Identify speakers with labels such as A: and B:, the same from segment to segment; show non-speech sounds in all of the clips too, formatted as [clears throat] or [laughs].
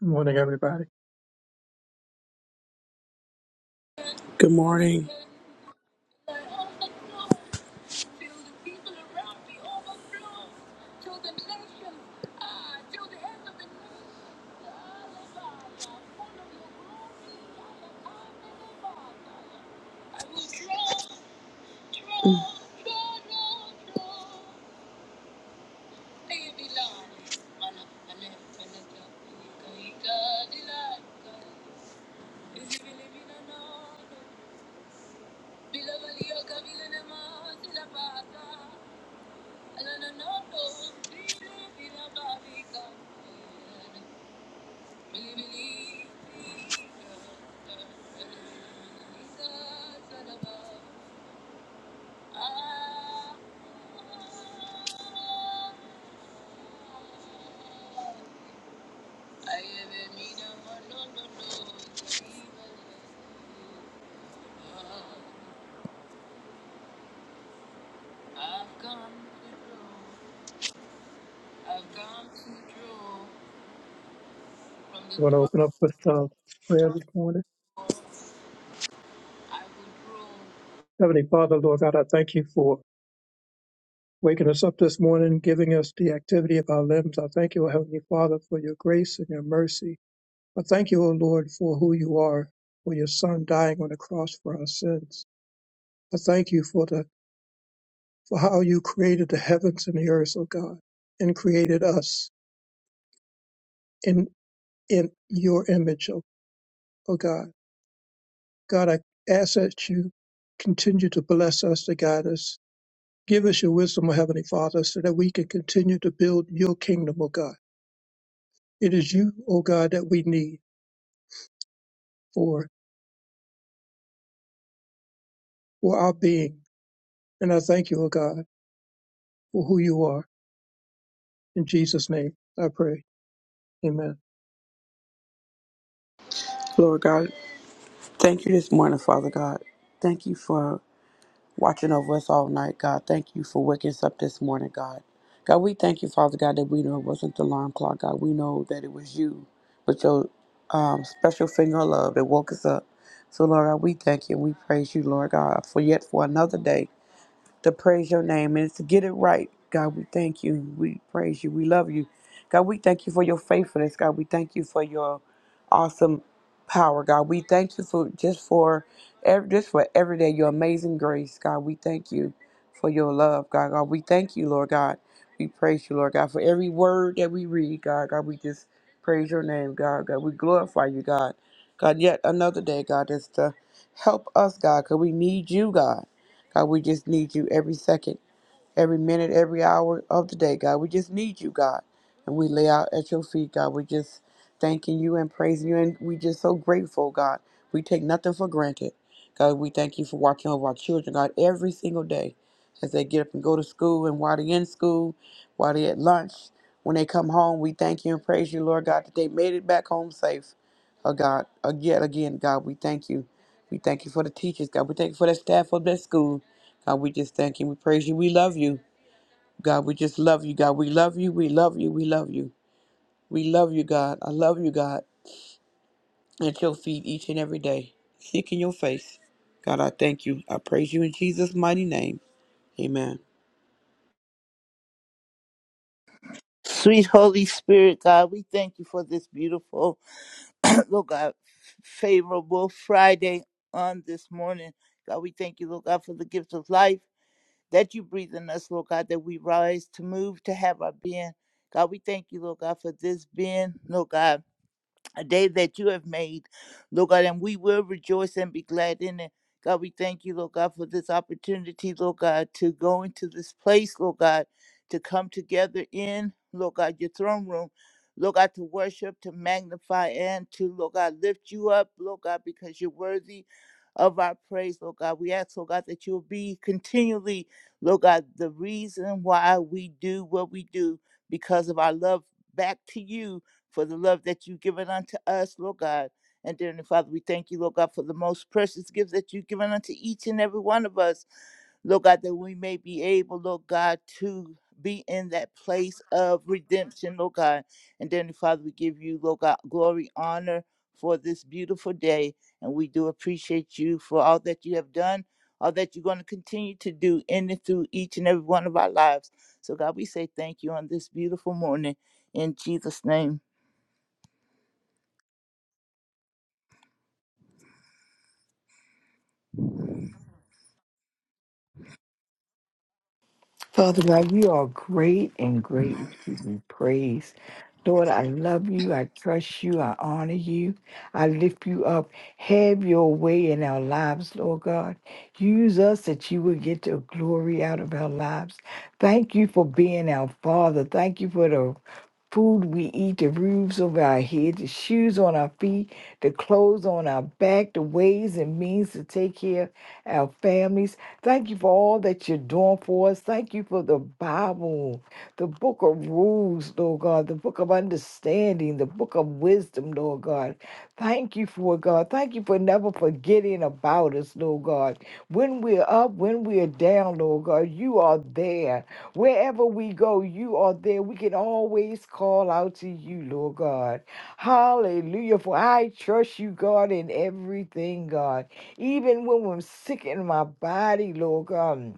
A: Good morning, everybody.
B: Good morning,
A: I are going to open up with uh, prayer this morning. Heavenly Father, Lord God, I thank you for waking us up this morning, giving us the activity of our limbs. I thank you, O Heavenly Father, for your grace and your mercy. I thank you, O Lord, for who you are, for your Son dying on the cross for our sins. I thank you for the for how you created the heavens and the earth, O God, and created us in in your image, O, o God. God, I ask that you continue to bless us, to guide us, Give us your wisdom, O Heavenly Father, so that we can continue to build your kingdom, O God. It is you, O God, that we need for, for our being. And I thank you, O God, for who you are. In Jesus' name, I pray. Amen.
B: Lord God. Thank you this morning, Father God. Thank you for watching over us all night, God. Thank you for waking us up this morning, God. God, we thank you, Father God, that we know it wasn't the alarm clock, God. We know that it was you with your um, special finger of love that woke us up. So, Lord God, we thank you and we praise you, Lord God, for yet for another day. to praise your name and to get it right. God, we thank you. We praise you. We love you. God, we thank you for your faithfulness. God, we thank you for your awesome power. God, we thank you for just for every, just for every day your amazing grace. God, we thank you for your love. God, God, we thank you, Lord God. We praise you, Lord God, for every word that we read. God, God, we just praise your name. God, God, we glorify you, God. God, yet another day, God, just to help us, God, because we need you, God. God, we just need you every second, every minute, every hour of the day, God. We just need you, God. And we lay out at your feet, God. We just thanking you and praising you. And we just so grateful, God. We take nothing for granted. God, we thank you for watching over our children, God, every single day as they get up and go to school and while they're in school, while they're at lunch, when they come home, we thank you and praise you, Lord God, that they made it back home safe. Oh God, again, again, God, we thank you. We thank you for the teachers, God. We thank you for the staff of that school. God, we just thank you. We praise you. We love you. God, we just love you. God, we love you. We love you. We love you. We love you, God. I love you, God. At your feet each and every day, [laughs] seeking your face. God, I thank you. I praise you in Jesus' mighty name. Amen.
C: Sweet Holy Spirit, God, we thank you for this beautiful, [clears throat] Lord God, favorable Friday on this morning. God, we thank you, Lord God, for the gift of life that you breathe in us, Lord God, that we rise to move, to have our being. God, we thank you, Lord God, for this being, Lord God a day that you have made, Lord God, and we will rejoice and be glad in it. God, we thank you, Lord God, for this opportunity, Lord God, to go into this place, Lord God, to come together in, Lord God, your throne room, Lord God, to worship, to magnify, and to, Lord God, lift you up, Lord God, because you're worthy of our praise, Lord God. We ask, Lord God, that you'll be continually, Lord God, the reason why we do what we do because of our love back to you, for the love that you've given unto us, Lord God. And dearly Father, we thank you, Lord God, for the most precious gifts that you've given unto each and every one of us, Lord God, that we may be able, Lord God, to be in that place of redemption, Lord God. And dearly Father, we give you, Lord God, glory, honor for this beautiful day. And we do appreciate you for all that you have done, all that you're going to continue to do in and through each and every one of our lives. So, God, we say thank you on this beautiful morning. In Jesus' name.
D: Father God, you are great and greatly to be praised. Lord, I love you. I trust you. I honor you. I lift you up. Have your way in our lives, Lord God. Use us that you will get the glory out of our lives. Thank you for being our Father. Thank you for the food we eat, the roofs over our heads, the shoes on our feet, the clothes on our back, the ways and means to take care of our families. Thank you for all that you're doing for us. Thank you for the Bible, the book of rules, Lord God, the book of understanding, the book of wisdom, Lord God. Thank you for it, God. Thank you for never forgetting about us, Lord God. When we're up, when we're down, Lord God, you are there. Wherever we go, you are there. We can always call out to you, Lord God. Hallelujah. For I trust you, God, in everything, God. Even when I'm sick in my body, Lord God.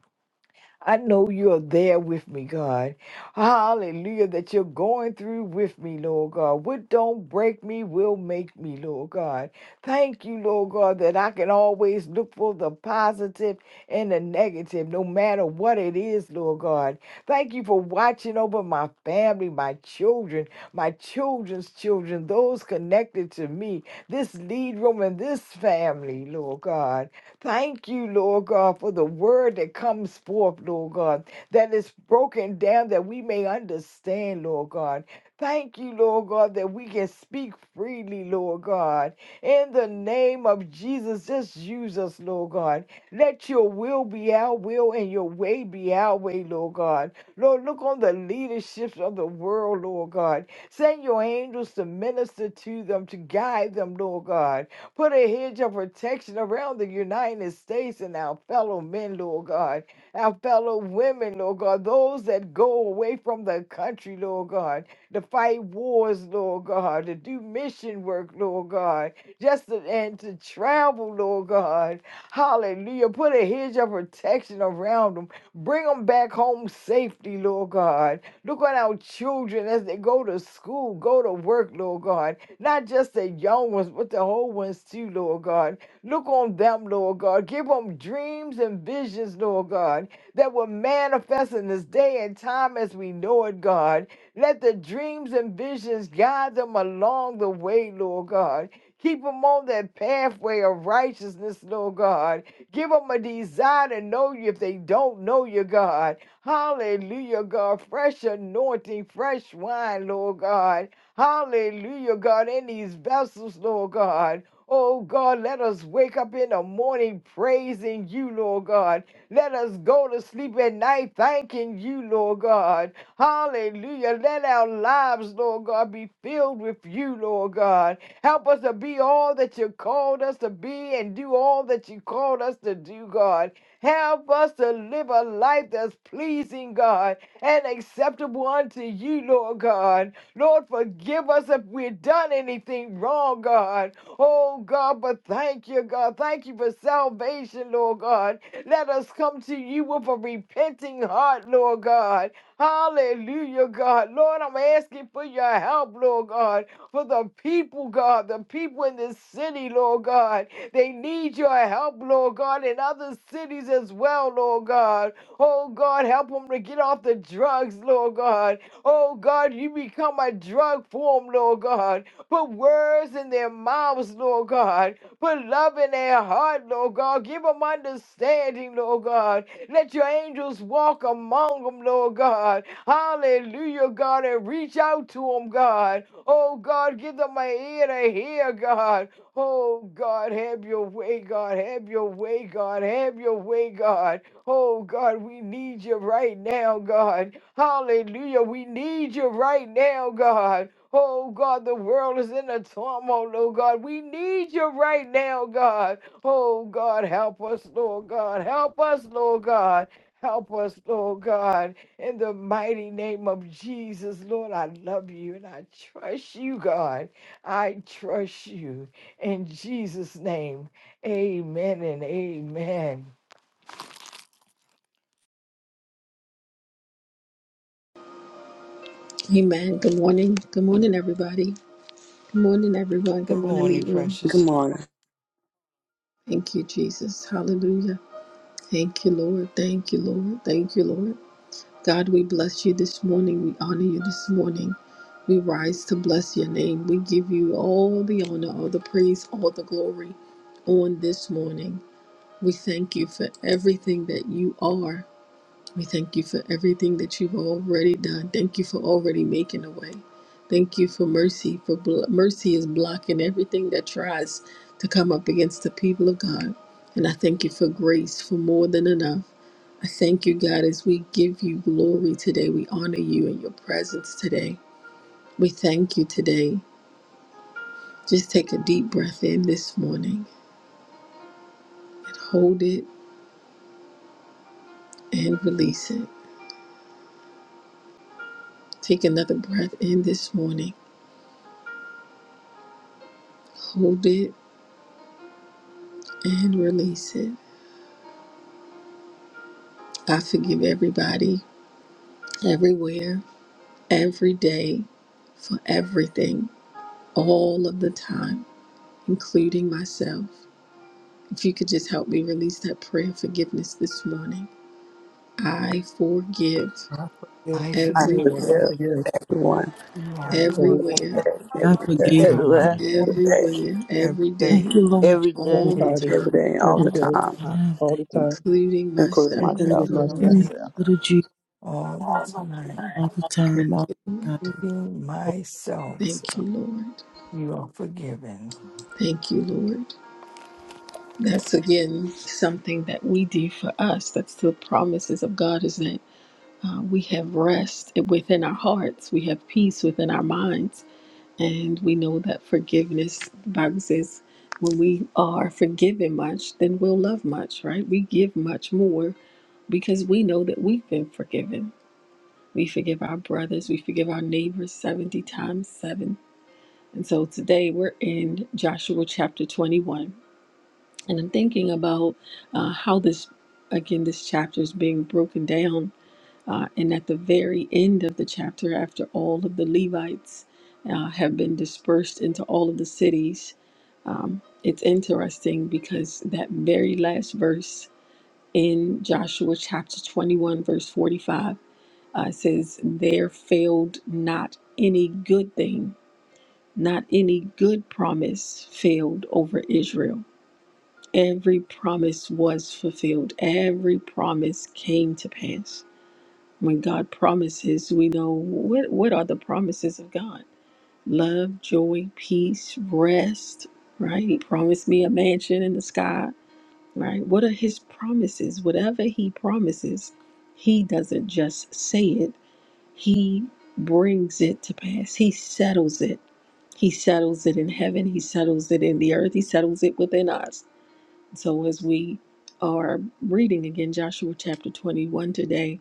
D: I know you're there with me, God. Hallelujah, that you're going through with me, Lord God. What don't break me will make me, Lord God. Thank you, Lord God, that I can always look for the positive and the negative, no matter what it is, Lord God. Thank you for watching over my family, my children, my children's children, those connected to me, this lead room and this family, Lord God. Thank you, Lord God, for the word that comes forth, Lord God, that is broken down that we may understand, Lord God. Thank you, Lord God, that we can speak freely, Lord God. In the name of Jesus, just use us, Lord God. Let your will be our will and your way be our way, Lord God. Lord, look on the leaderships of the world, Lord God. Send your angels to minister to them, to guide them, Lord God. Put a hedge of protection around the United States and our fellow men, Lord God, our fellow women, Lord God, those that go away from the country, Lord God, to fight wars, Lord God, to do mission work, Lord God, just to, and to travel, Lord God. Hallelujah. Put a hedge of protection around them. Bring them back home safely, Lord God. Look on our children as they go to school, go to work, Lord God not just the young ones, but the old ones too, Lord God. Look on them, Lord God. Give them dreams and visions, Lord God, that will manifest in this day and time as we know it, God. Let the dreams and visions guide them along the way, Lord God. Keep them on that pathway of righteousness, Lord God. Give them a desire to know you if they don't know you, God. Hallelujah, God. Fresh anointing, fresh wine, Lord God Hallelujah, God, in these vessels, Lord God. Oh God, let us wake up in the morning praising you, Lord God. Let us go to sleep at night thanking you, Lord God. Hallelujah. Let our lives, Lord God, be filled with you, Lord God. Help us to be all that you called us to be and do all that you called us to do, God. Help us to live a life that's pleasing, God, and acceptable unto you, Lord God. Lord, forgive us if we've done anything wrong, God. Oh, God, but thank you, God. Thank you for salvation, Lord God. Let us come to you with a repenting heart, Lord God. Hallelujah, God. Lord, I'm asking for your help, Lord God, for the people, God, the people in this city, Lord God. They need your help, Lord God, in other cities as well, Lord God. Oh God, help them to get off the drugs, Lord God. Oh God, you become a drug for them, Lord God. Put words in their mouths, Lord God. Put love in their heart, Lord God. Give them understanding, Lord God. Let your angels walk among them, Lord God. Hallelujah, God, and reach out to them, God. Oh God, give them an ear to hear, God. Oh God, have your way, God, have your way, God, have your way, God. Oh God, we need you right now, God. Hallelujah, we need you right now, God. Oh God, the world is in a turmoil, oh God. We need you right now, God. Oh God, help us, Lord God. Help us, Lord God. Help us, Lord God. In the mighty name of Jesus, Lord, I love you and I trust you, God. I trust you. In Jesus' name, amen and amen.
E: Amen. Good morning. Good morning, everybody. Good morning, everyone.
D: Good
E: Good morning,
D: morning,
E: Lead Room.
B: Good
D: precious.
B: morning.
E: Thank you, Jesus. Hallelujah. Thank you, Lord. Thank you, Lord. Thank you, Lord. God, we bless you this morning. We honor you this morning. We rise to bless your name. We give you all the honor, all the praise, all the glory on this morning. We thank you for everything that you are. We thank you for everything that you've already done. Thank you for already making a way. Thank you for mercy. For bl- mercy is blocking everything that tries to come up against the people of God. And I thank you for grace for more than enough. I thank you, God, as we give you glory today. We honor you in your presence today. We thank you today. Just take a deep breath in this morning and hold it and release it. Take another breath in this morning. Hold it and release it. I forgive everybody, everywhere, every day, for everything, all of the time, including myself. If you could just help me release that prayer of forgiveness this morning. I forgive
F: I forgive
D: I
B: I forgive
D: forgive
A: I
E: everyone,
A: forgive
B: everyone,
D: You are
F: everyone
A: everyone,
E: everywhere,
G: I
B: everywhere,
G: forgive. you.
D: everywhere.
C: everywhere,
B: today,
E: everywhere,
F: every
E: every
F: day.
E: day,
G: Thank you, Lord,
C: every
E: all
C: day,
E: the
A: everybody,
E: time,
B: every
D: Forgetting
B: day, all
A: every
B: the
G: all
A: day,
G: the
B: time,
F: I
G: time.
A: all the
G: Thank
A: time,
E: including
B: including
E: myself.
B: myself.
A: including
C: including
G: you
F: forgive
A: myself.
G: in
D: everything
G: the
C: myself.
G: blood of Jesus
D: all the time,
G: all the
E: Thank
G: time, all
E: you,
G: the
E: Lord.
G: time.
D: including myself.
E: Thank you,
F: myself.
E: Lord.
D: You are forgiven.
E: Thank you, Lord. That's again something that we do for us. That's the promises of God is that Uh, we have rest within our hearts, we have peace within our minds, and we know that forgiveness, the Bible says, when we are forgiven much, then we'll love much, right? We give much more because we know that we've been forgiven. We forgive our brothers, we forgive our neighbors 70 times 7. And so today we're in Joshua chapter 21, and I'm thinking about uh, how this, again, this chapter is being broken down uh, and at the very end of the chapter, after all of the Levites uh, have been dispersed into all of the cities, um, it's interesting because that very last verse in Joshua chapter 21, verse 45, uh, says, There failed not any good thing, not any good promise failed over Israel. Every promise was fulfilled, every promise came to pass. When God promises, we know what, what are the promises of God? Love, joy, peace, rest, right? He promised me a mansion in the sky, right? What are his promises? Whatever he promises, he doesn't just say it, he brings it to pass. He settles it. He settles it in heaven. He settles it in the earth. He settles it within us. So, as we are reading again Joshua chapter 21 today,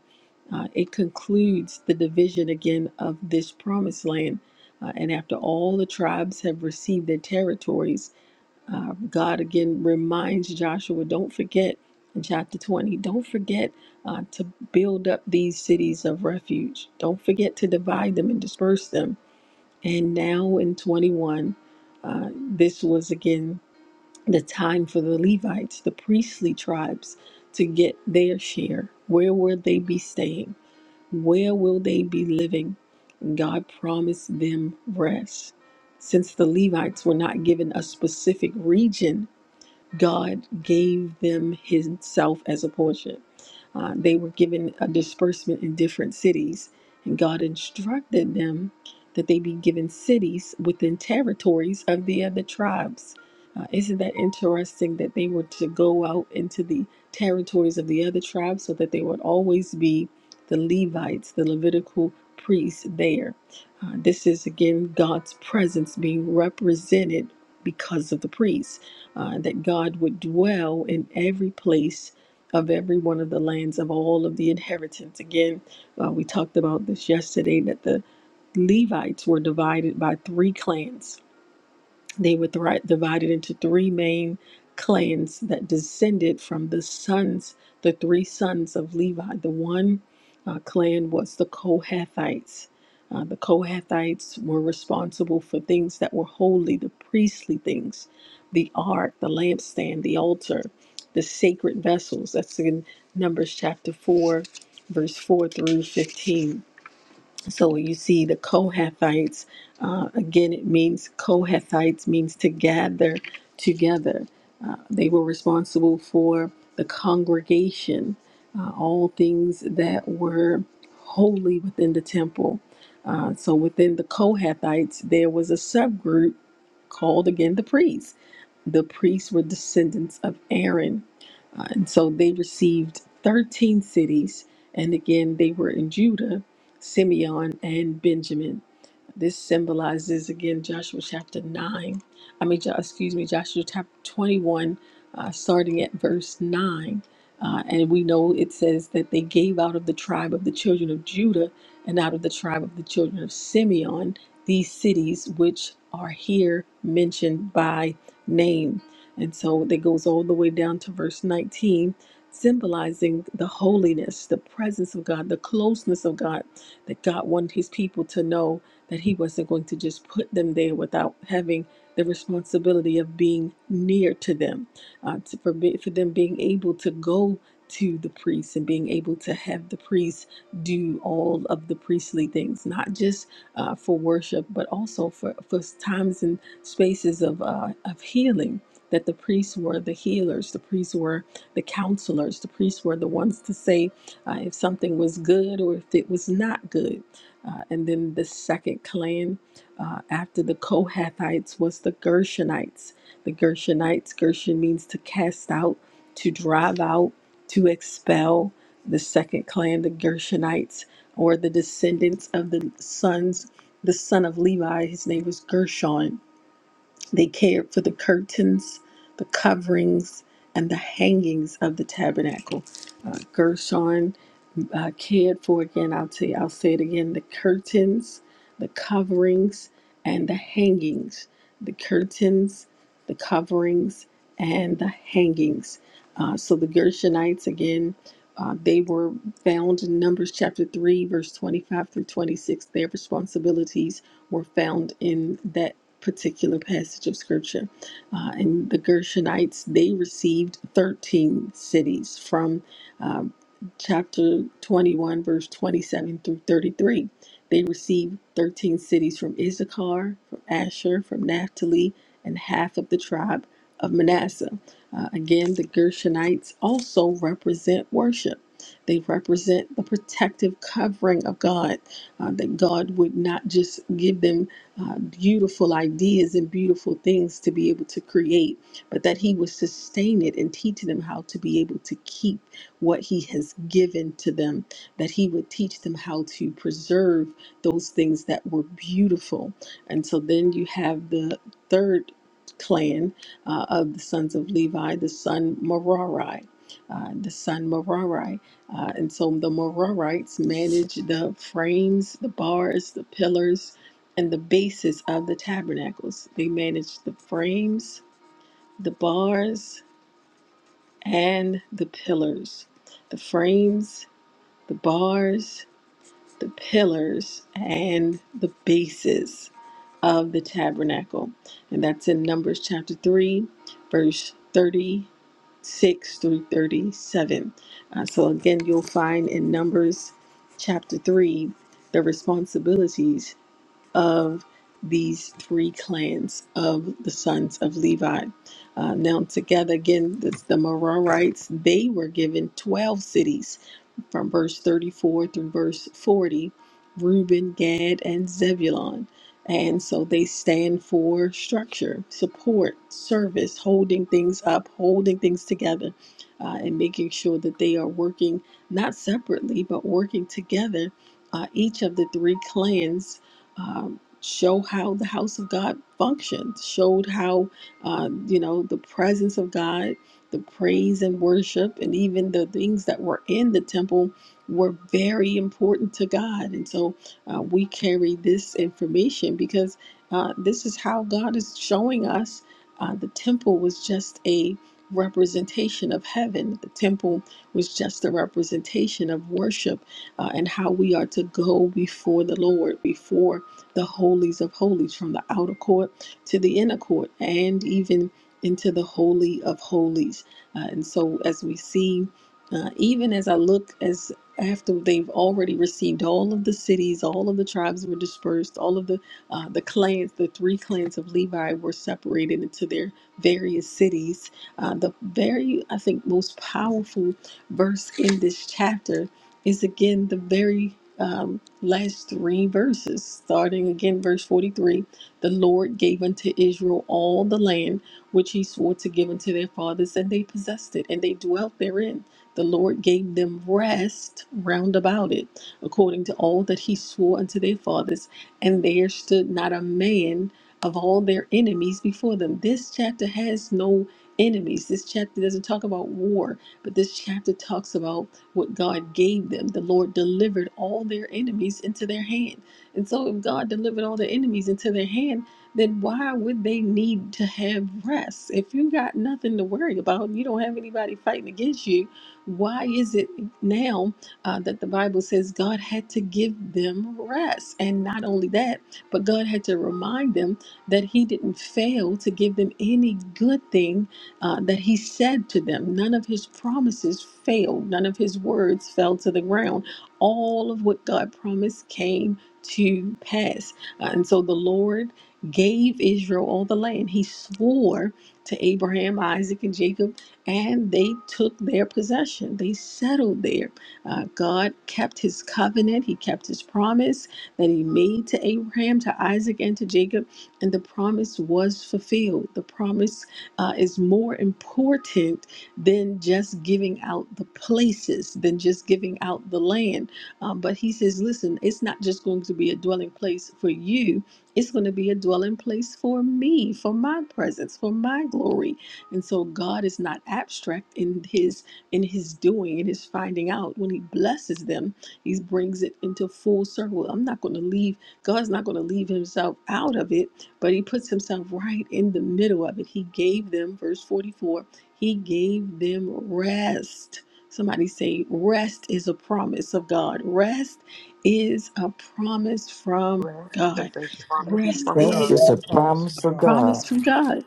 E: uh, it concludes the division again of this promised land. Uh, and after all the tribes have received their territories, uh, God again reminds Joshua, don't forget in chapter 20, don't forget uh, to build up these cities of refuge. Don't forget to divide them and disperse them. And now in 21, uh, this was again the time for the Levites, the priestly tribes, to get their share. Where will they be staying? Where will they be living? God promised them rest. Since the Levites were not given a specific region God gave them Himself as a portion. Uh, they were given a disbursement in different cities, and God instructed them that they be given cities within territories of the other tribes. Uh, isn't that interesting that they were to go out into the territories of the other tribes so that they would always be the Levites, the Levitical priests there? Uh, this is again God's presence being represented because of the priests uh, that God would dwell in every place of every one of the lands of all of the inheritance. Again, uh, we talked about this yesterday that the Levites were divided by three clans they were thri- divided into three main clans that descended from the sons, the three sons of Levi. The one uh, clan was the Kohathites. Uh, the Kohathites were responsible for things that were holy, the priestly things, the ark, the lampstand, the altar, the sacred vessels. That's in Numbers chapter 4, verse 4 through 15 so you see the Kohathites, uh, again, it means Kohathites means to gather together. Uh, they were responsible for the congregation, uh, all things that were holy within the temple. Uh, so within the Kohathites, there was a subgroup called again the priests. The priests were descendants of Aaron uh, and so they received 13 cities. And again, they were in Judah, Simeon, and Benjamin. This symbolizes again Joshua chapter 9. I mean, Jo- excuse me, Joshua chapter 21, uh, starting at verse 9. Uh, and we know it says that they gave out of the tribe of the children of Judah and out of the tribe of the children of Simeon these cities which are here mentioned by name. And so that goes all the way down to verse 19, symbolizing the holiness, the presence of God, the closeness of God that God wanted his people to know that he wasn't going to just put them there without having the responsibility of being near to them, uh, to forbid for them being able to go to the priest and being able to have the priest do all of the priestly things, not just uh, for worship, but also for, for times and spaces of, uh, of healing. That the priests were the healers, the priests were the counselors, the priests were the ones to say uh, if something was good or if it was not good uh, and then the second clan uh, after the Kohathites was the Gershonites. The Gershonites, Gershon means to cast out, to drive out, to expel. The second clan, the Gershonites, or the descendants of the sons, the son of Levi, his name was Gershon. They cared for the curtains, the coverings, and the hangings of the tabernacle. Uh, Gershon uh, cared for again. I'll tell you, I'll say it again: the curtains, the coverings, and the hangings. The curtains, the coverings, and the hangings. Uh, so the Gershonites again. Uh, they were found in Numbers chapter 3, verse 25 through 26. Their responsibilities were found in that particular passage of scripture. Uh, and the Gershonites, they received 13 cities from uh, chapter 21, verse 27 through 33. They received 13 cities from Issachar, from Asher, from Naphtali, and half of the tribe of Manasseh. Uh, again, the Gershonites also represent worship. They represent the protective covering of God, uh, that God would not just give them uh, beautiful ideas and beautiful things to be able to create, but that He would sustain it and teach them how to be able to keep what he has given to them, that he would teach them how to preserve those things that were beautiful. And so then you have the third clan uh, of the sons of Levi, the son Merari. Uh, the son Merari. Uh, and so the Merarites manage the frames, the bars, the pillars, and the bases of the tabernacles. They manage the frames, the bars, and the pillars the frames, the bars, the pillars, and the bases of the tabernacle. And that's in Numbers chapter 3, verse 36 through 37. Uh, so again, you'll find in Numbers chapter 3 the responsibilities of these three clans of the sons of Levi. Uh, now, together again, the, the Merarites, they were given 12 cities from verse 34 through verse 40 Reuben, Gad, and Zebulon. And so they stand for structure, support, service, holding things up, holding things together, uh, and making sure that they are working not separately, but working together. Uh, each of the three clans um, show how the house of God functioned, showed how, uh, you know, the presence of God the praise and worship and even the things that were in the temple were very important to God. And so uh, we carry this information because uh, this is how God is showing us uh, the temple was just a representation of heaven. The temple was just a representation of worship uh, and how we are to go before the Lord, before the holies of holies, from the outer court to the inner court, and even into the holy of holies. Uh, and so as we see, uh, even as I look as after they've already received all of the cities, all of the tribes were dispersed, all of the uh, the clans, the three clans of Levi were separated into their various cities. Uh, the very, I think, most powerful verse in this chapter is again the very um, last three verses, starting again verse forty three. The Lord gave unto Israel all the land which he swore to give unto their fathers, and they possessed it, and they dwelt therein. The Lord gave them rest round about it, according to all that he swore unto their fathers, and there stood not a man of all their enemies before them. This chapter has no enemies. This chapter doesn't talk about war, but this chapter talks about what God gave them. The Lord delivered all their enemies into their hand. And so, if God delivered all their enemies into their hand, then why would they need to have rest? If you got nothing to worry about, you don't have anybody fighting against you, why is it now uh, that the Bible says God had to give them rest? And not only that, but God had to remind them that He didn't fail to give them any good thing uh, that He said to them. None of His promises failed, none of His words fell to the ground. All of what God promised came to pass. Uh, and so the Lord gave Israel all the land. He swore to Abraham, Isaac, and Jacob, and they took their possession. They settled there. Uh, God kept his covenant, he kept his promise that he made to Abraham, to Isaac, and to Jacob, and the promise was fulfilled. The promise uh, is more important than just giving out the places, than just giving out the land. Um, but he says, listen, it's not just going to be a dwelling place for you it's going to be a dwelling place for me, for my presence, for my glory. And so God is not abstract in his in his doing, in his finding out. When he blesses them, he brings it into full circle. I'm not going to leave God's not going to leave himself out of it, but he puts himself right in the middle of it. He gave them verse 44. He gave them rest. Somebody say rest is a promise of God. Rest is a promise from
B: Rest is
E: God.
B: a promise
H: Yes,
E: Rest
B: from
D: Rest
B: God.
E: is
A: Rest
D: is
A: is a
D: a
H: Yes,
A: promise of
D: promise of
A: God.
D: God.
E: promise from God.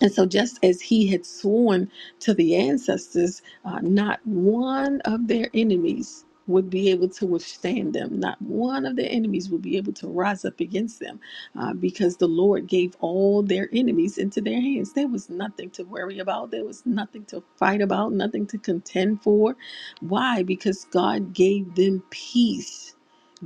E: And so, just as he had sworn to the ancestors, uh, not one of their enemies would be able to withstand them. Not one of their enemies would be able to rise up against them uh, because the Lord gave all their enemies into their hands. There was nothing to worry about, there was nothing to fight about, nothing to contend for. Why? Because God gave them peace.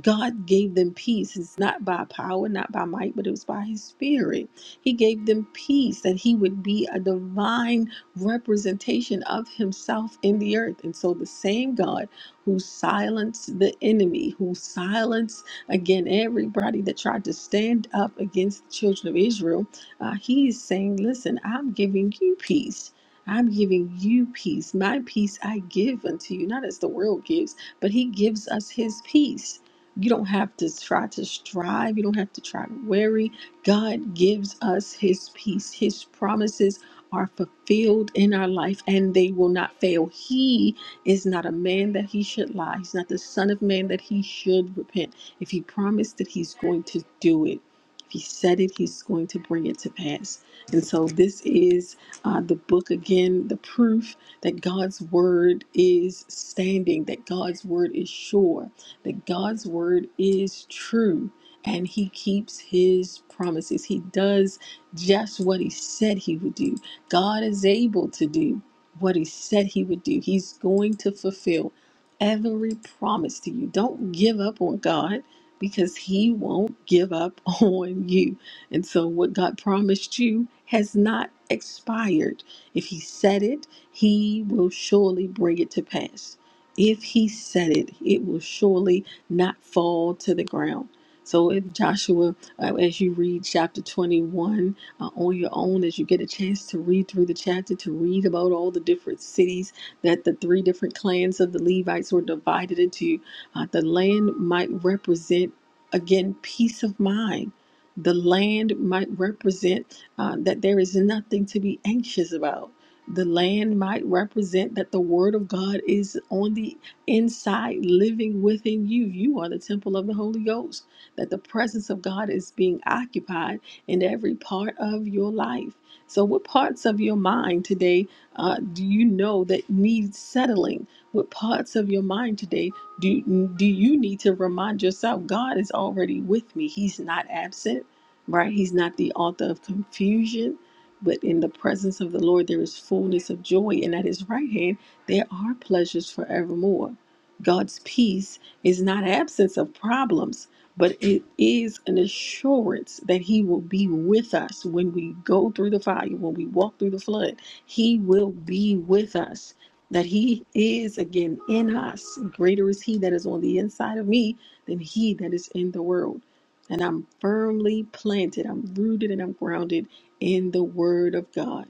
E: God gave them peace. It's not by power, not by might, but it was by his spirit. He gave them peace that he would be a divine representation of himself in the earth. And so the same God who silenced the enemy, who silenced again everybody that tried to stand up against the children of Israel, uh, he is saying, Listen, I'm giving you peace. I'm giving you peace. My peace I give unto you, not as the world gives, but he gives us his peace. You don't have to try to strive. You don't have to try to worry. God gives us his peace. His promises are fulfilled in our life and they will not fail. He is not a man that he should lie. He's not the son of man that he should repent. If he promised it, he's going to do it. If he said it, he's going to bring it to pass. And so this is uh, the book again, the proof that God's word is standing, that God's word is sure, that God's word is true and he keeps his promises. He does just what he said he would do. God is able to do what he said he would do. He's going to fulfill every promise to you. Don't give up on God because he won't give up [laughs] on you. And so what God promised you has not expired. If he said it, he will surely bring it to pass. If he said it, it will surely not fall to the ground. So, if Joshua, uh, as you read chapter 21 uh, on your own, as you get a chance to read through the chapter, to read about all the different cities that the three different clans of the Levites were divided into, uh, the land might represent, again, peace of mind. The land might represent uh, that there is nothing to be anxious about. The land might represent that the word of God is on the inside, living within you. You are the temple of the Holy Ghost that the presence of God is being occupied in every part of your life. So, what parts of your mind today uh, do you know that need settling? What parts of your mind today do, do you need to remind yourself God is already with me? He's not absent, right? He's not the author of confusion. But in the presence of the Lord, there is fullness of joy, and at his right hand, there are pleasures forevermore. God's peace is not absence of problems but it is an assurance that He will be with us when we go through the fire, when we walk through the flood. He will be with us, that He is again in us. Greater is He that is on the inside of me than He that is in the world. And I'm firmly planted, I'm rooted and I'm grounded in the Word of God.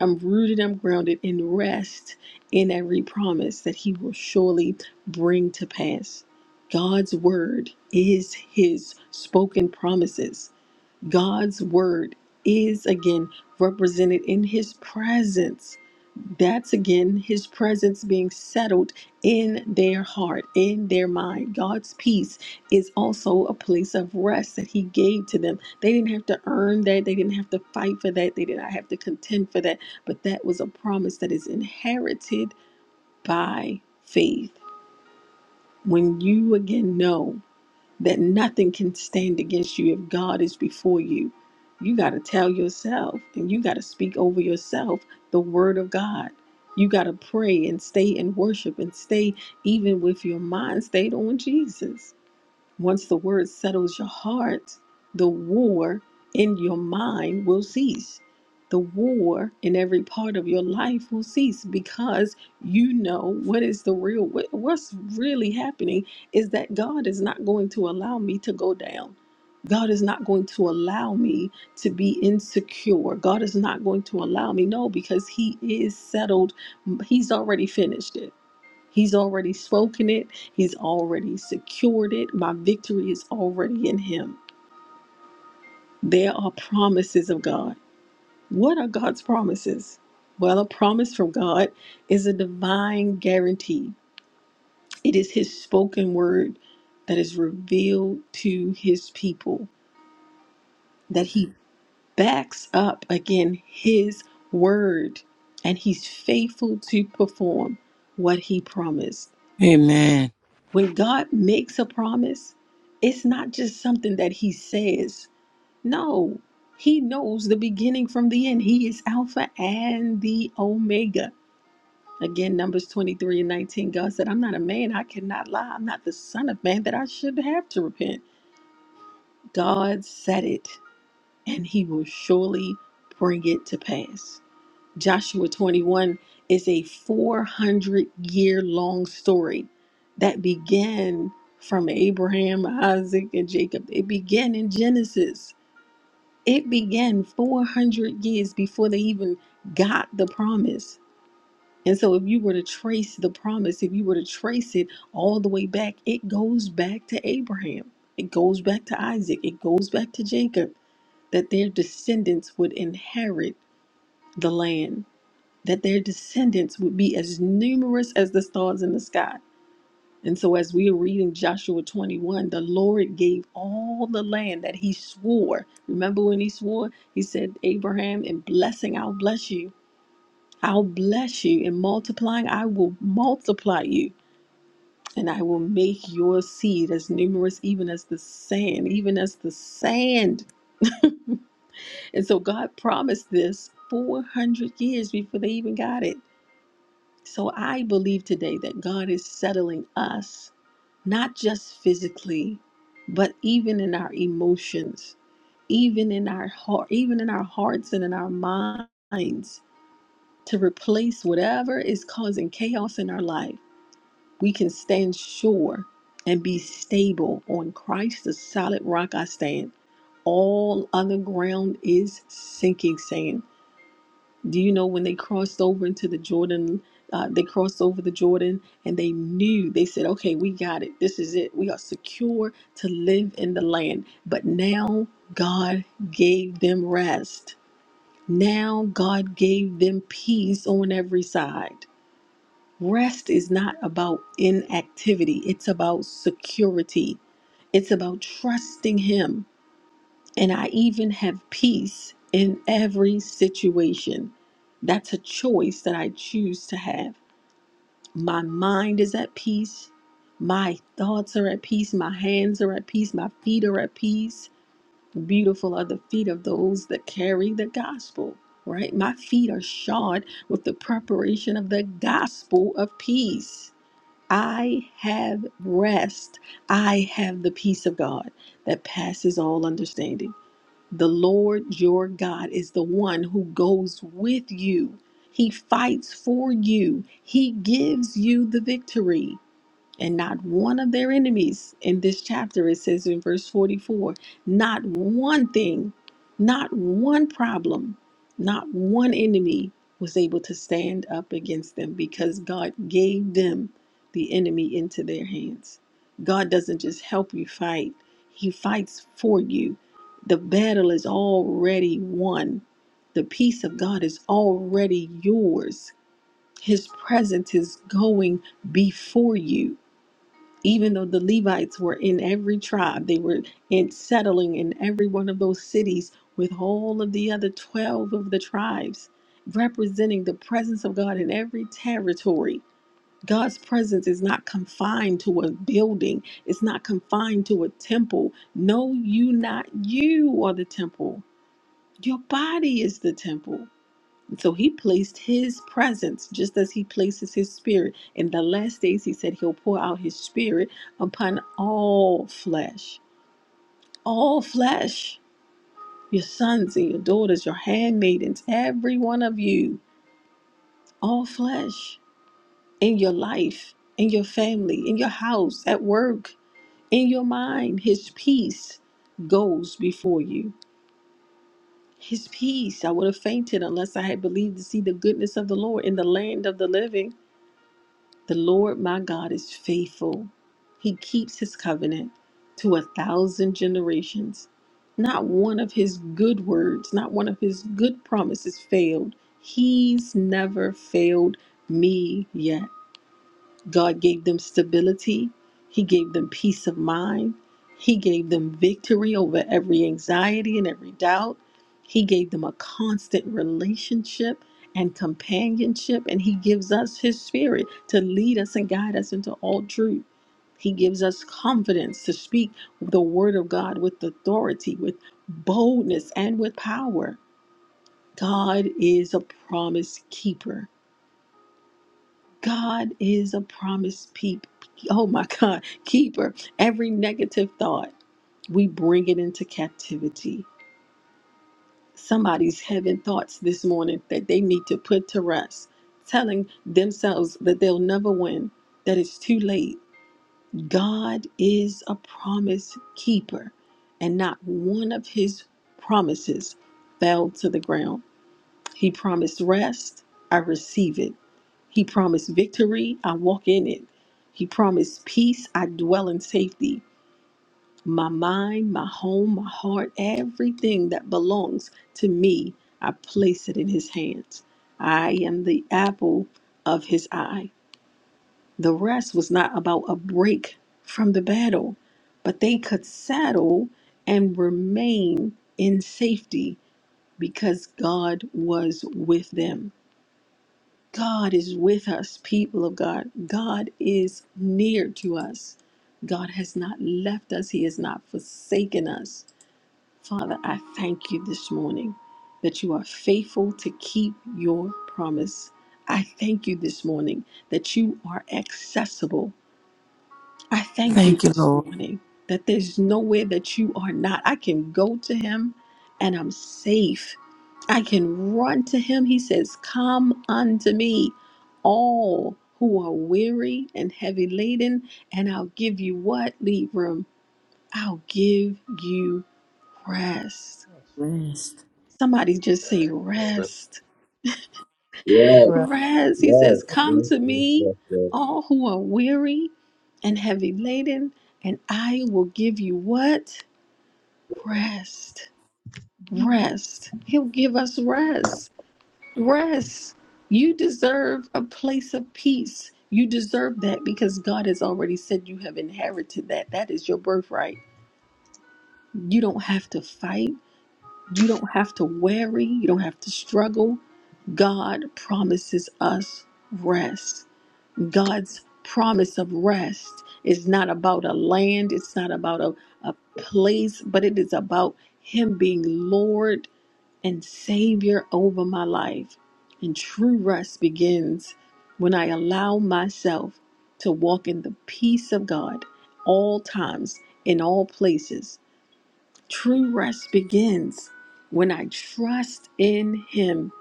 E: I'm rooted, I'm grounded in rest in every promise that He will surely bring to pass. God's word is his spoken promises. God's word is again represented in his presence. That's again his presence being settled in their heart, in their mind. God's peace is also a place of rest that he gave to them. They didn't have to earn that, they didn't have to fight for that, they did not have to contend for that, but that was a promise that is inherited by faith. When you again know that nothing can stand against you if God is before you. You got to tell yourself and you got to speak over yourself the word of God. You got to pray and stay in worship and stay even with your mind stayed on Jesus. Once the word settles your heart, the war in your mind will cease. The war in every part of your life will cease because you know what is the real what- what's really happening is that God is not going to allow me to go down. God is not going to allow me to be insecure. God is not going to allow me no because he is settled. He's already finished it. He's already spoken it, He's already secured it. My victory is already in Him. There are promises of God. What are God's promises? Well, a promise from God is a divine guarantee, it is His spoken word that is revealed to His people, that He backs up again His word, and He's faithful to perform what He promised.
G: Amen.
E: When God makes a promise, it's not just something that He says. No, He knows the beginning from the end. He is Alpha and the Omega. Again, Numbers 23 and 19, God said, I'm not a man, I cannot lie. I'm not the Son of Man that I should have to repent. God said it, and He will surely bring it to pass. Joshua 21 is a 400 year long story that began from Abraham, Isaac, and Jacob. It began in Genesis. It began 400 years before they even got the promise. And so, if you were to trace the promise, if you were to trace it all the way back, it goes back to Abraham, it goes back to Isaac, it goes back to Jacob, that their descendants would inherit the land that their descendants would be as numerous as the stars in the sky. And so, as we are reading Joshua 21, the Lord gave all the land that He swore. Remember when He swore? He said, Abraham, in blessing, I'll bless you. I'll bless you. In multiplying, I will multiply you. And I will make your seed as numerous, even as the sand, even as the sand. [laughs] and so, God promised this 400 years before they even got it. So I believe today that God is settling us, not just physically, but even in our emotions, even in our heart, even in our hearts and in our minds to replace whatever is causing chaos in our life. We can stand sure and be stable on Christ, the solid rock I stand. All other ground is sinking sand. Do you know when they crossed over into the Jordan? Uh, they crossed over the Jordan and they knew, they said, okay, we got it. This is it. We are secure to live in the land. But now God gave them rest. Now God gave them peace on every side. Rest is not about inactivity, it's about security, it's about trusting Him. And I even have peace in every situation. That's a choice that I choose to have. My mind is at peace. My thoughts are at peace. My hands are at peace. My feet are at peace. Beautiful are the feet of those that carry the gospel, right? My feet are shod with the preparation of the gospel of peace. I have rest. I have the peace of God that passes all understanding. The Lord your God is the one who goes with you. He fights for you. He gives you the victory and not one of their enemies in this chapter it says in verse 44 not one thing not one problem not one enemy was able to stand up against them because god gave them the enemy into their hands god doesn't just help you fight he fights for you the battle is already won the peace of god is already yours his presence is going before you even though the Levites were in every tribe, they were in settling in every one of those cities with all of the other 12 of the tribes, representing the presence of God in every territory. God's presence is not confined to a building, it's not confined to a temple. No, you, not you, are the temple. Your body is the temple. So he placed his presence just as he places his spirit. In the last days, he said he'll pour out his spirit upon all flesh. All flesh. Your sons and your daughters, your handmaidens, every one of you. All flesh. In your life, in your family, in your house, at work, in your mind. His peace goes before you. His peace. I would have fainted unless I had believed to see the goodness of the Lord in the land of the living. The Lord my God is faithful. He keeps his covenant to a thousand generations. Not one of his good words, not one of his good promises failed. He's never failed me yet. God gave them stability. He gave them peace of mind. He gave them victory over every anxiety and every doubt. He gave them a constant relationship and companionship. And He gives us His Spirit to lead us and guide us into all truth. He gives us confidence to speak the Word of God with authority, with boldness, and with power. God is a promise keeper. God is a promise peep. Oh my [laughs] God, keeper. Every negative thought, we bring it into captivity. Somebody's having thoughts this morning that they need to put to rest, telling themselves that they'll never win, that it's too late. God is a promise keeper, and not one of his promises fell to the ground. He promised rest. I receive it. He promised victory. I walk in it. He promised peace. I dwell in safety. My mind, my home, my heart, everything that belongs to me, I place it in his hands. I am the apple of his eye. The rest was not about a break from the battle, but they could settle and remain in safety because God was with them. God is with us, people of God. God is near to us. God has not left us, He has not forsaken us. Father, I thank you this morning that you are faithful to keep your promise. I thank you this morning that you are accessible I thank you
G: Thank you,
E: this
G: Lord.
E: morning that there's nowhere that you are not. I can go to him and I'm safe. I can run to him. He says, Come unto me, all who are weary and heavy laden, and I'll give you what, Libram? I'll give you rest.
A: Rest.
G: Rest.
E: Somebody just say,
H: man.
E: Rest.
H: yes,
F: Right.
E: Rest. He
H: yes,
E: says, Come
H: yes,
E: to
H: yes,
E: me,
H: yes. yes.
E: all who are weary and heavy laden, and I will give you what? Rest. Rest. He'll give us rest. Rest. You deserve a place of peace. You deserve that because God has already said you have inherited that. That is your birthright. You don't have to fight. You don't have to worry. You don't have to struggle. God promises us rest. God's promise of rest is not about a land, it's not about a, a place, but it is about Him being Lord and Savior over my life. And true rest begins when I allow myself to walk in the peace of God all times, in all places. True rest begins when I trust in Him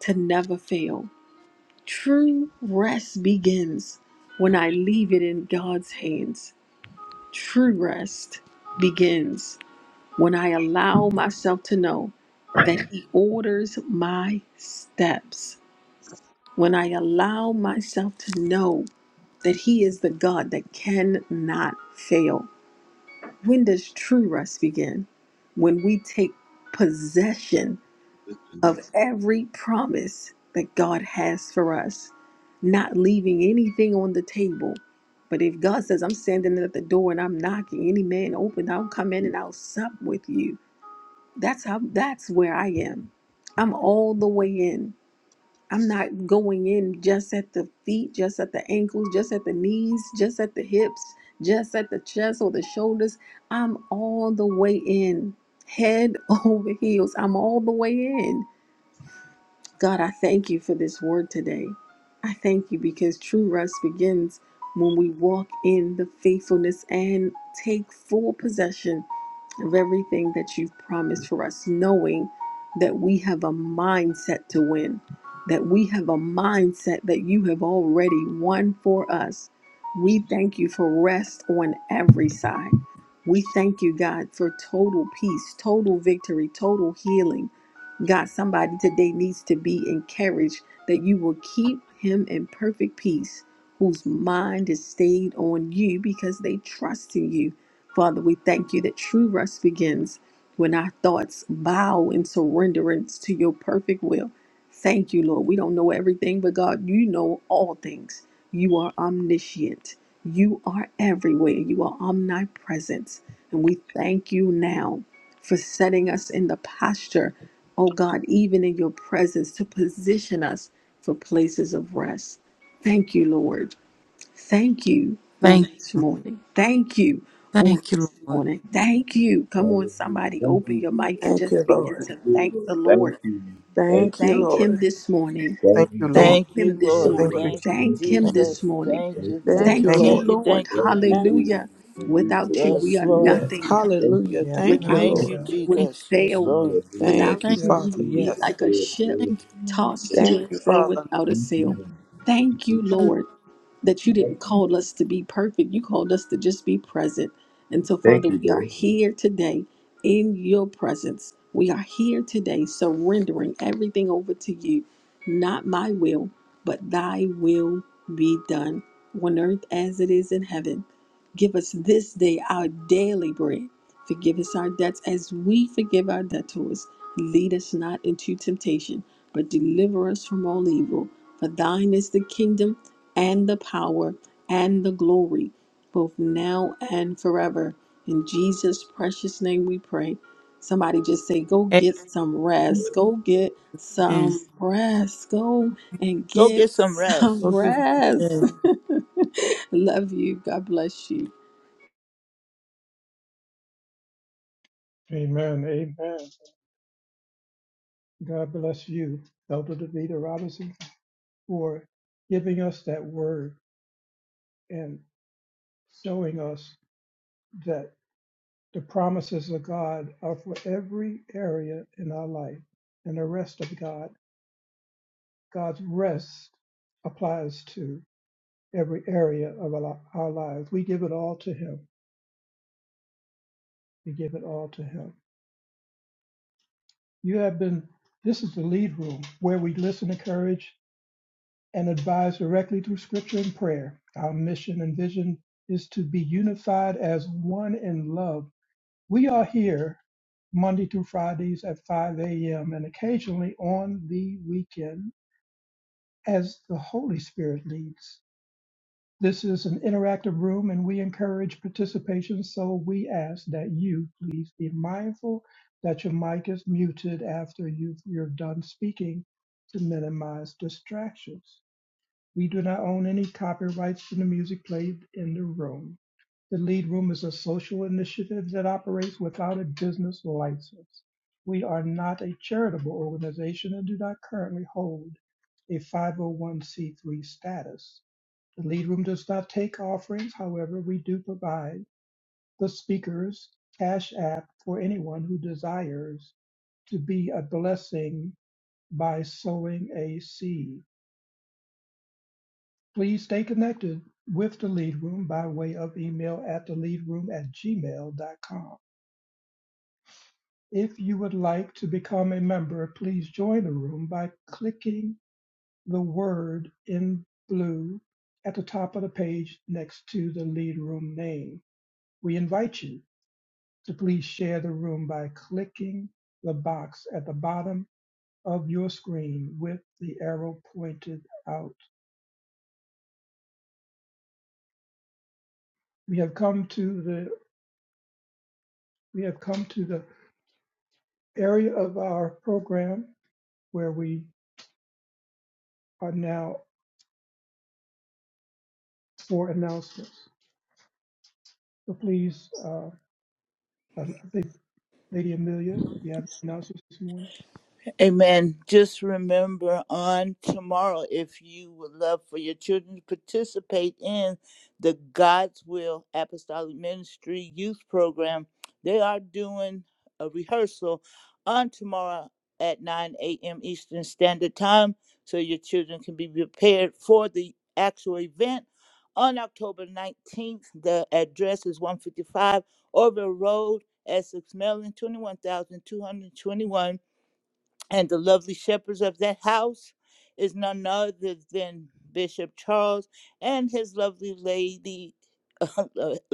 E: to never fail. True rest begins when I leave it in God's hands. True rest begins when I allow myself to know that He orders my steps, when I allow myself to know that He is the God that cannot fail. When does true rest begin? When we take possession of every promise that God has for us, not leaving anything on the table. But if God says, I'm standing at the door and I'm knocking, any man open, I'll come in and I'll sup with you that's how that's where I am. I'm all the way in. I'm not going in just at the feet, just at the ankles, just at the knees, just at the hips, just at the chest or the shoulders. I'm all the way in. Head [laughs] over heels. I'm all the way in. God, I thank you for this word today. I thank you because true rest begins when we walk in the faithfulness and take full possession of everything that you've promised for us, knowing that we have a mindset to win, that we have a mindset that you have already won for us. We thank you for rest on every side. We thank you, God, for total peace, total victory, total healing God, somebody today needs to be encouraged that you will keep him in perfect peace, whose mind is stayed on you because they trust in you. Father, we thank you that true rest begins when our thoughts bow in surrenderance to your perfect will. Thank you, Lord. We don't know everything, but God, you know all things. You are omniscient. You are everywhere. You are omnipresent. And we thank you now for setting us in the posture, oh God, even in your presence to position us for places of rest. Thank you, Lord. Thank you on
G: Thank
E: this
G: you.
E: morning. Thank you on
G: Thank
E: this
G: you, Lord.
E: morning. Thank
A: Thank
E: you.
A: you.
E: Come on,
H: Hallelujah.
E: somebody,
H: Thank you,
E: open your mic
H: Jesus.
E: and
B: Thank you,
E: just
H: Thank
E: begin
B: Lord.
H: you,
E: to thank
H: Jesus.
E: the
H: Thank
E: Lord.
H: you, Jesus. thank
B: Thank
H: you,
B: you,
E: Thank
H: Lord.
E: Him
B: Lord.
E: this morning.
F: Thank
H: thank you,
F: you, Lord.
E: Thank
H: Jesus.
C: Thank you,
E: Him this
B: Thank you,
C: Lord.
F: Thank
B: Lord.
E: morning.
F: you,
H: Hallelujah.
C: Thank
F: Jesus.
C: you,
H: Thank
E: Thank
H: you,
E: Him
F: Thank you.
E: this
C: Jesus.
E: morning.
H: Jesus.
C: Thank
H: Thank
C: you,
H: you,
B: Thank
C: thank
H: Lord.
B: you,
C: you,
E: Thank
F: Thank you.
E: you,
B: Lord.
C: thank you,
E: Lord.
C: thank you,
H: Thank
C: thank
H: you,
B: Thank
C: you.
H: Jesus.
B: you,
E: Hallelujah.
A: Thank you,
E: Without you, we
C: Yes,
E: are
C: Lord.
B: Yes.
E: nothing.
G: Thank
H: Thank you, Lord. Thank you,
B: Hallelujah.
F: Yes,
B: Thank you,
H: Jesus.
A: Thank
C: Thank
F: God.
A: you,
E: Without you,
H: Thank
C: you,
B: Lord.
H: you,
A: God.
E: we
H: Lord.
G: you.
E: would
C: Jesus. Yes,
E: fail.
C: Lord.
H: Hallelujah.
E: Without
B: Thank you,
G: Thank
H: Thank
E: you,
H: you,
A: Yes,
E: we
B: Father.
E: would
A: Lord.
E: be
H: Jesus.
B: Yes.
E: like a
H: Oh,
G: you.
E: ship
H: Lord.
G: Thank you, Lord.
E: tossed to
B: Thank
E: and
B: you,
E: fro
B: Father.
E: without a
H: Thank you,
E: sail.
H: thank you, Lord. Thank
E: Thank
H: you,
E: you,
H: Jesus.
G: Hallelujah.
E: Lord that you didn't call us to be perfect. You called us to just be present. And so, Father,
H: Thank you,
E: we are
H: Lord.
E: here today in your presence. We are here today surrendering everything over to you. Not my will, but thy will be done on earth as it is in heaven. Give us this day our daily bread. Forgive us our debts as we forgive our debtors. Lead us not into temptation, but deliver us from all evil. For thine is the kingdom and the power and the glory, both now and forever. In Jesus' precious name we pray. Somebody just say, Go get some rest. Go get
G: Amen.
E: some rest. Go and
C: Go
E: get
C: get some
E: some
C: rest.
G: Forgive
E: rest.
G: us.
E: [laughs] Love you. God bless you.
A: Amen. Amen. God bless you, Elder Davida Robinson. for giving us that word and showing us that the promises of God are for every area in our life and the rest of God. God's rest applies to every area of our li- our lives. We give it all to Him. We give it all to Him. You have been, this is the lead room where we listen, encourage, and advise directly through scripture and prayer. Our mission and vision is to be unified as one in love We are here Monday through Fridays at 5 a.m. and occasionally on the weekend as the Holy Spirit leads. This is an interactive room and we encourage participation, so we ask that you please be mindful that your mic is muted after you've, you're done speaking to minimize distractions. We do not own any copyrights to the music played in the room. The Lead Room is a social initiative that operates without a business license. We are not a charitable organization and do not currently hold a 501c3 status. The Lead Room does not take offerings, however, we do provide the speakers cash app for anyone who desires to be a blessing by sowing a seed. Please stay connected with the Lead Room by way of email at theleadroom at gmail.com. If you would like to become a member, please join the room by clicking the word in blue at the top of the page next to the Lead Room name. We invite you to please share the room by clicking the box at the bottom of your screen with the arrow pointed out. We have come to the we have come to the area of our program where we are now for announcements. So please, uh, I think Lady Amelia, you have announcements this morning?
C: Amen. Just remember on tomorrow, if you would love for your children to participate in the God's Will Apostolic Ministry Youth Program, they are doing a rehearsal on tomorrow at 9 a.m. Eastern Standard Time so your children can be prepared for the actual event on October 19th. The address is 155 Orville Road, Essex, Maryland, 21221 and the lovely shepherds of that house is none other than Bishop Charles and his lovely lady, [laughs]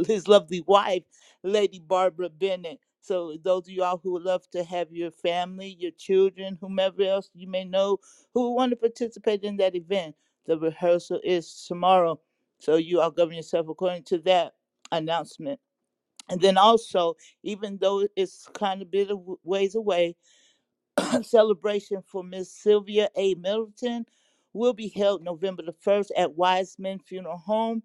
C: his lovely wife, Lady Barbara Bennett. So, those of y'all who would love to have your family, your children, whomever else you may know who would want to participate in that event, the rehearsal is tomorrow. So, you all govern yourself according to that announcement. And then also, even though it's kind of a bit of ways away, celebration for Miss Sylvia A. Middleton will be held November the 1st at Wiseman Funeral Home.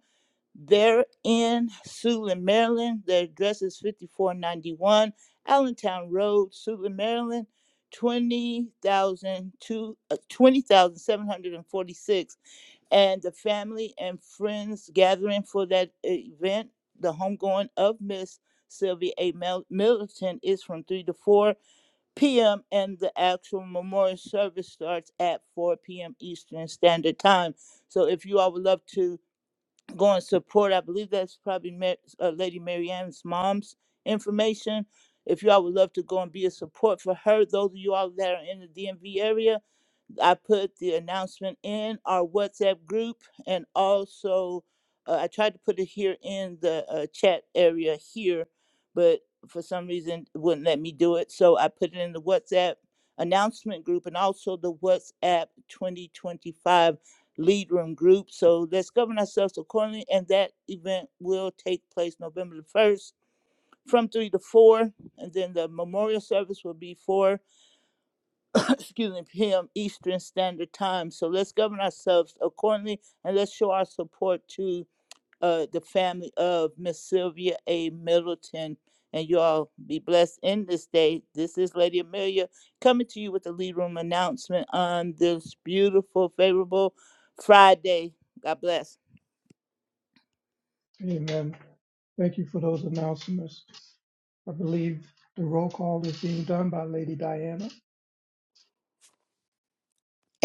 C: They're in Suitland, Maryland. Their address is 5491 Allentown Road, Suitland, Maryland, 20,002 uh, 20,746. and the family and friends gathering for that event, the homegoing of Miss Sylvia A. Mel- Middleton, is from 3 to 4 p.m. and the actual memorial service starts at 4 p.m. Eastern Standard Time. So if you all would love to go and support, I believe that's probably Ma- uh, Lady Mary Ann's mom's information. If you all would love to go and be a support for her, those of you all that are in the DMV area, I put the announcement in our WhatsApp group and also uh, I tried to put it here in the uh, chat area here, but for some reason it wouldn't let me do it. So I put it in the WhatsApp announcement group and also the WhatsApp 2025 lead room group. So let's govern ourselves accordingly. And that event will take place November the 1st from 3 to 4. And then the memorial service will be 4 excuse me, PM Eastern Standard Time. So let's govern ourselves accordingly and let's show our support to uh, the family of Miss Sylvia A. Middleton. And you all be blessed in this day. This is Lady Amelia coming to you with the lead room announcement on this beautiful, favorable Friday. God bless.
A: Amen. Thank you for those announcements. I believe the roll call is being done by Lady Diana.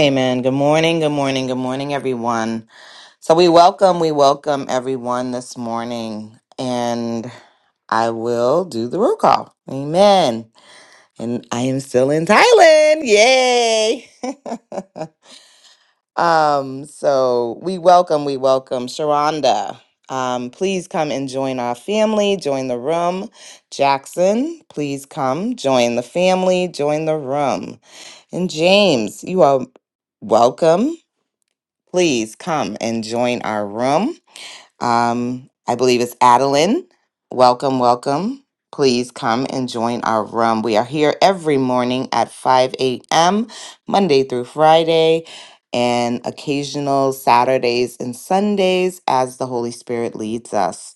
I: Amen. Good morning. Good morning. Good morning, everyone. So we welcome, we welcome everyone this morning. And I will do the roll call. Amen. And I am still in Thailand. Yay. [laughs] um, so we welcome, we welcome Sharonda. Um, please come and join our family, join the room. Jackson, please come, join the family, join the room. And James, you are welcome please come and join our room. Um, I believe it's Adeline. Welcome, welcome. Please come and join our room. We are here every morning at 5 a.m., Monday through Friday, and occasional Saturdays and Sundays as the Holy Spirit leads us.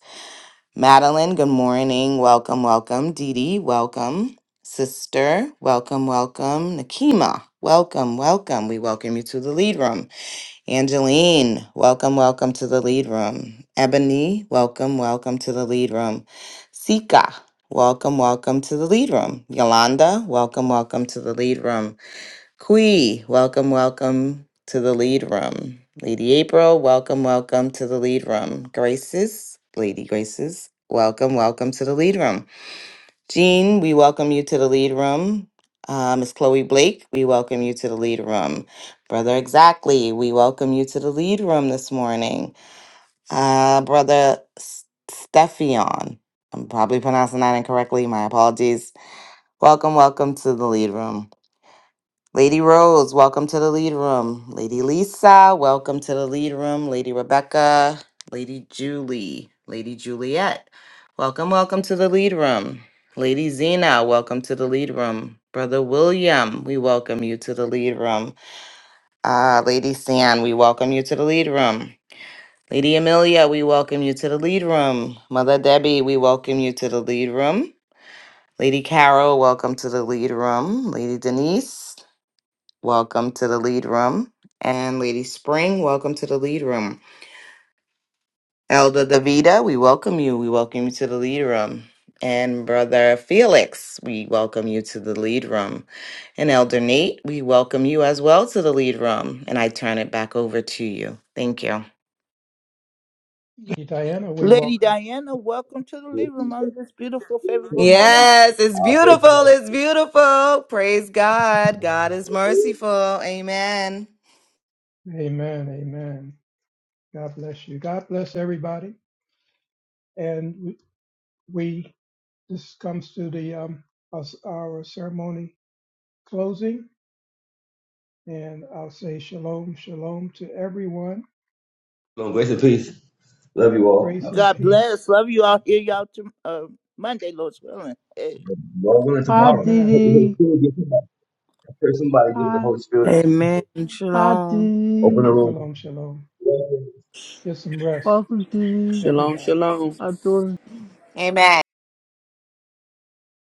I: Madeline, good morning. Welcome, welcome. Dee Dee, welcome. Sister, welcome, welcome. Nakima, welcome, welcome. We welcome you to the lead room. Angeline, welcome, welcome to the lead room. Ebony, welcome, welcome to the lead room. Sika, welcome, welcome to the lead room. Yolanda, welcome, welcome to the lead room. Kui, welcome, welcome to the lead room. Lady April, welcome, welcome to the lead room. Graces, Lady Graces, welcome, welcome to the lead room. Jean, we welcome you to the lead room. Uh, Miss Chloe Blake, we welcome you to the lead room. Brother Exactly, we welcome you to the lead room this morning. Uh, Brother S- Stephion, I'm probably pronouncing that incorrectly. My apologies. Welcome, welcome to the lead room. Lady Rose, welcome to the lead room. Lady Lisa, welcome to the lead room. Lady Rebecca, Lady Julie, Lady Juliet, welcome, welcome to the lead room. Lady Zena, welcome to the lead room. Brother William, we welcome you to the lead room. Uh, Lady San, we welcome you to the lead room. Lady Amelia, we welcome you to the lead room. Mother Debbie, we welcome you to the lead room. Lady Carol, welcome to the lead room. Lady Denise, Welcome to the lead room. And Lady Spring, welcome to the lead room. Elder Davida, we welcome you. We welcome you to the lead room. And Brother Felix, we welcome you to the lead room. And Elder Nate, we welcome you as well to the lead room. And I turn it back over to you. Thank you.
A: Lady Diana, we
C: Lady
A: welcome.
C: Diana, welcome to the
H: Thank you, Lord.
C: lead
H: Thank
C: room
H: you,
C: on this beautiful,
H: Lord.
C: favorable
H: Thank you,
C: morning.
I: Yes, it's
H: Lord. Thank
I: beautiful.
H: you,
I: It's beautiful. Praise God. God is
H: Lord.
I: merciful. Amen.
A: you. Amen. Amen. God bless you. God bless everybody. And we, we- this comes to the um, us, our ceremony closing. And I'll say shalom, shalom to everyone.
H: Long grace and peace. Love you all.
A: Grace and
C: God
A: peace.
C: bless. Love you all. Hear y'all to, uh, Monday, Lord's willing. Hey.
H: Lord willing,
J: Hi
H: tomorrow. [laughs]
J: Dee
A: Amen.
H: Hope the Holy
J: Dee.
H: Spirit, give somebody, I pray somebody give the
J: Hi.
H: Holy Spirit. Some people.
G: Amen.
J: Hi Dee
G: Shalom.
H: Open
J: Dee.
H: the
A: Shalom, shalom.
H: room.
A: Get some rest,
J: Welcome Dee
B: Shalom,
A: everybody.
B: shalom.
J: Dee.
I: Amen.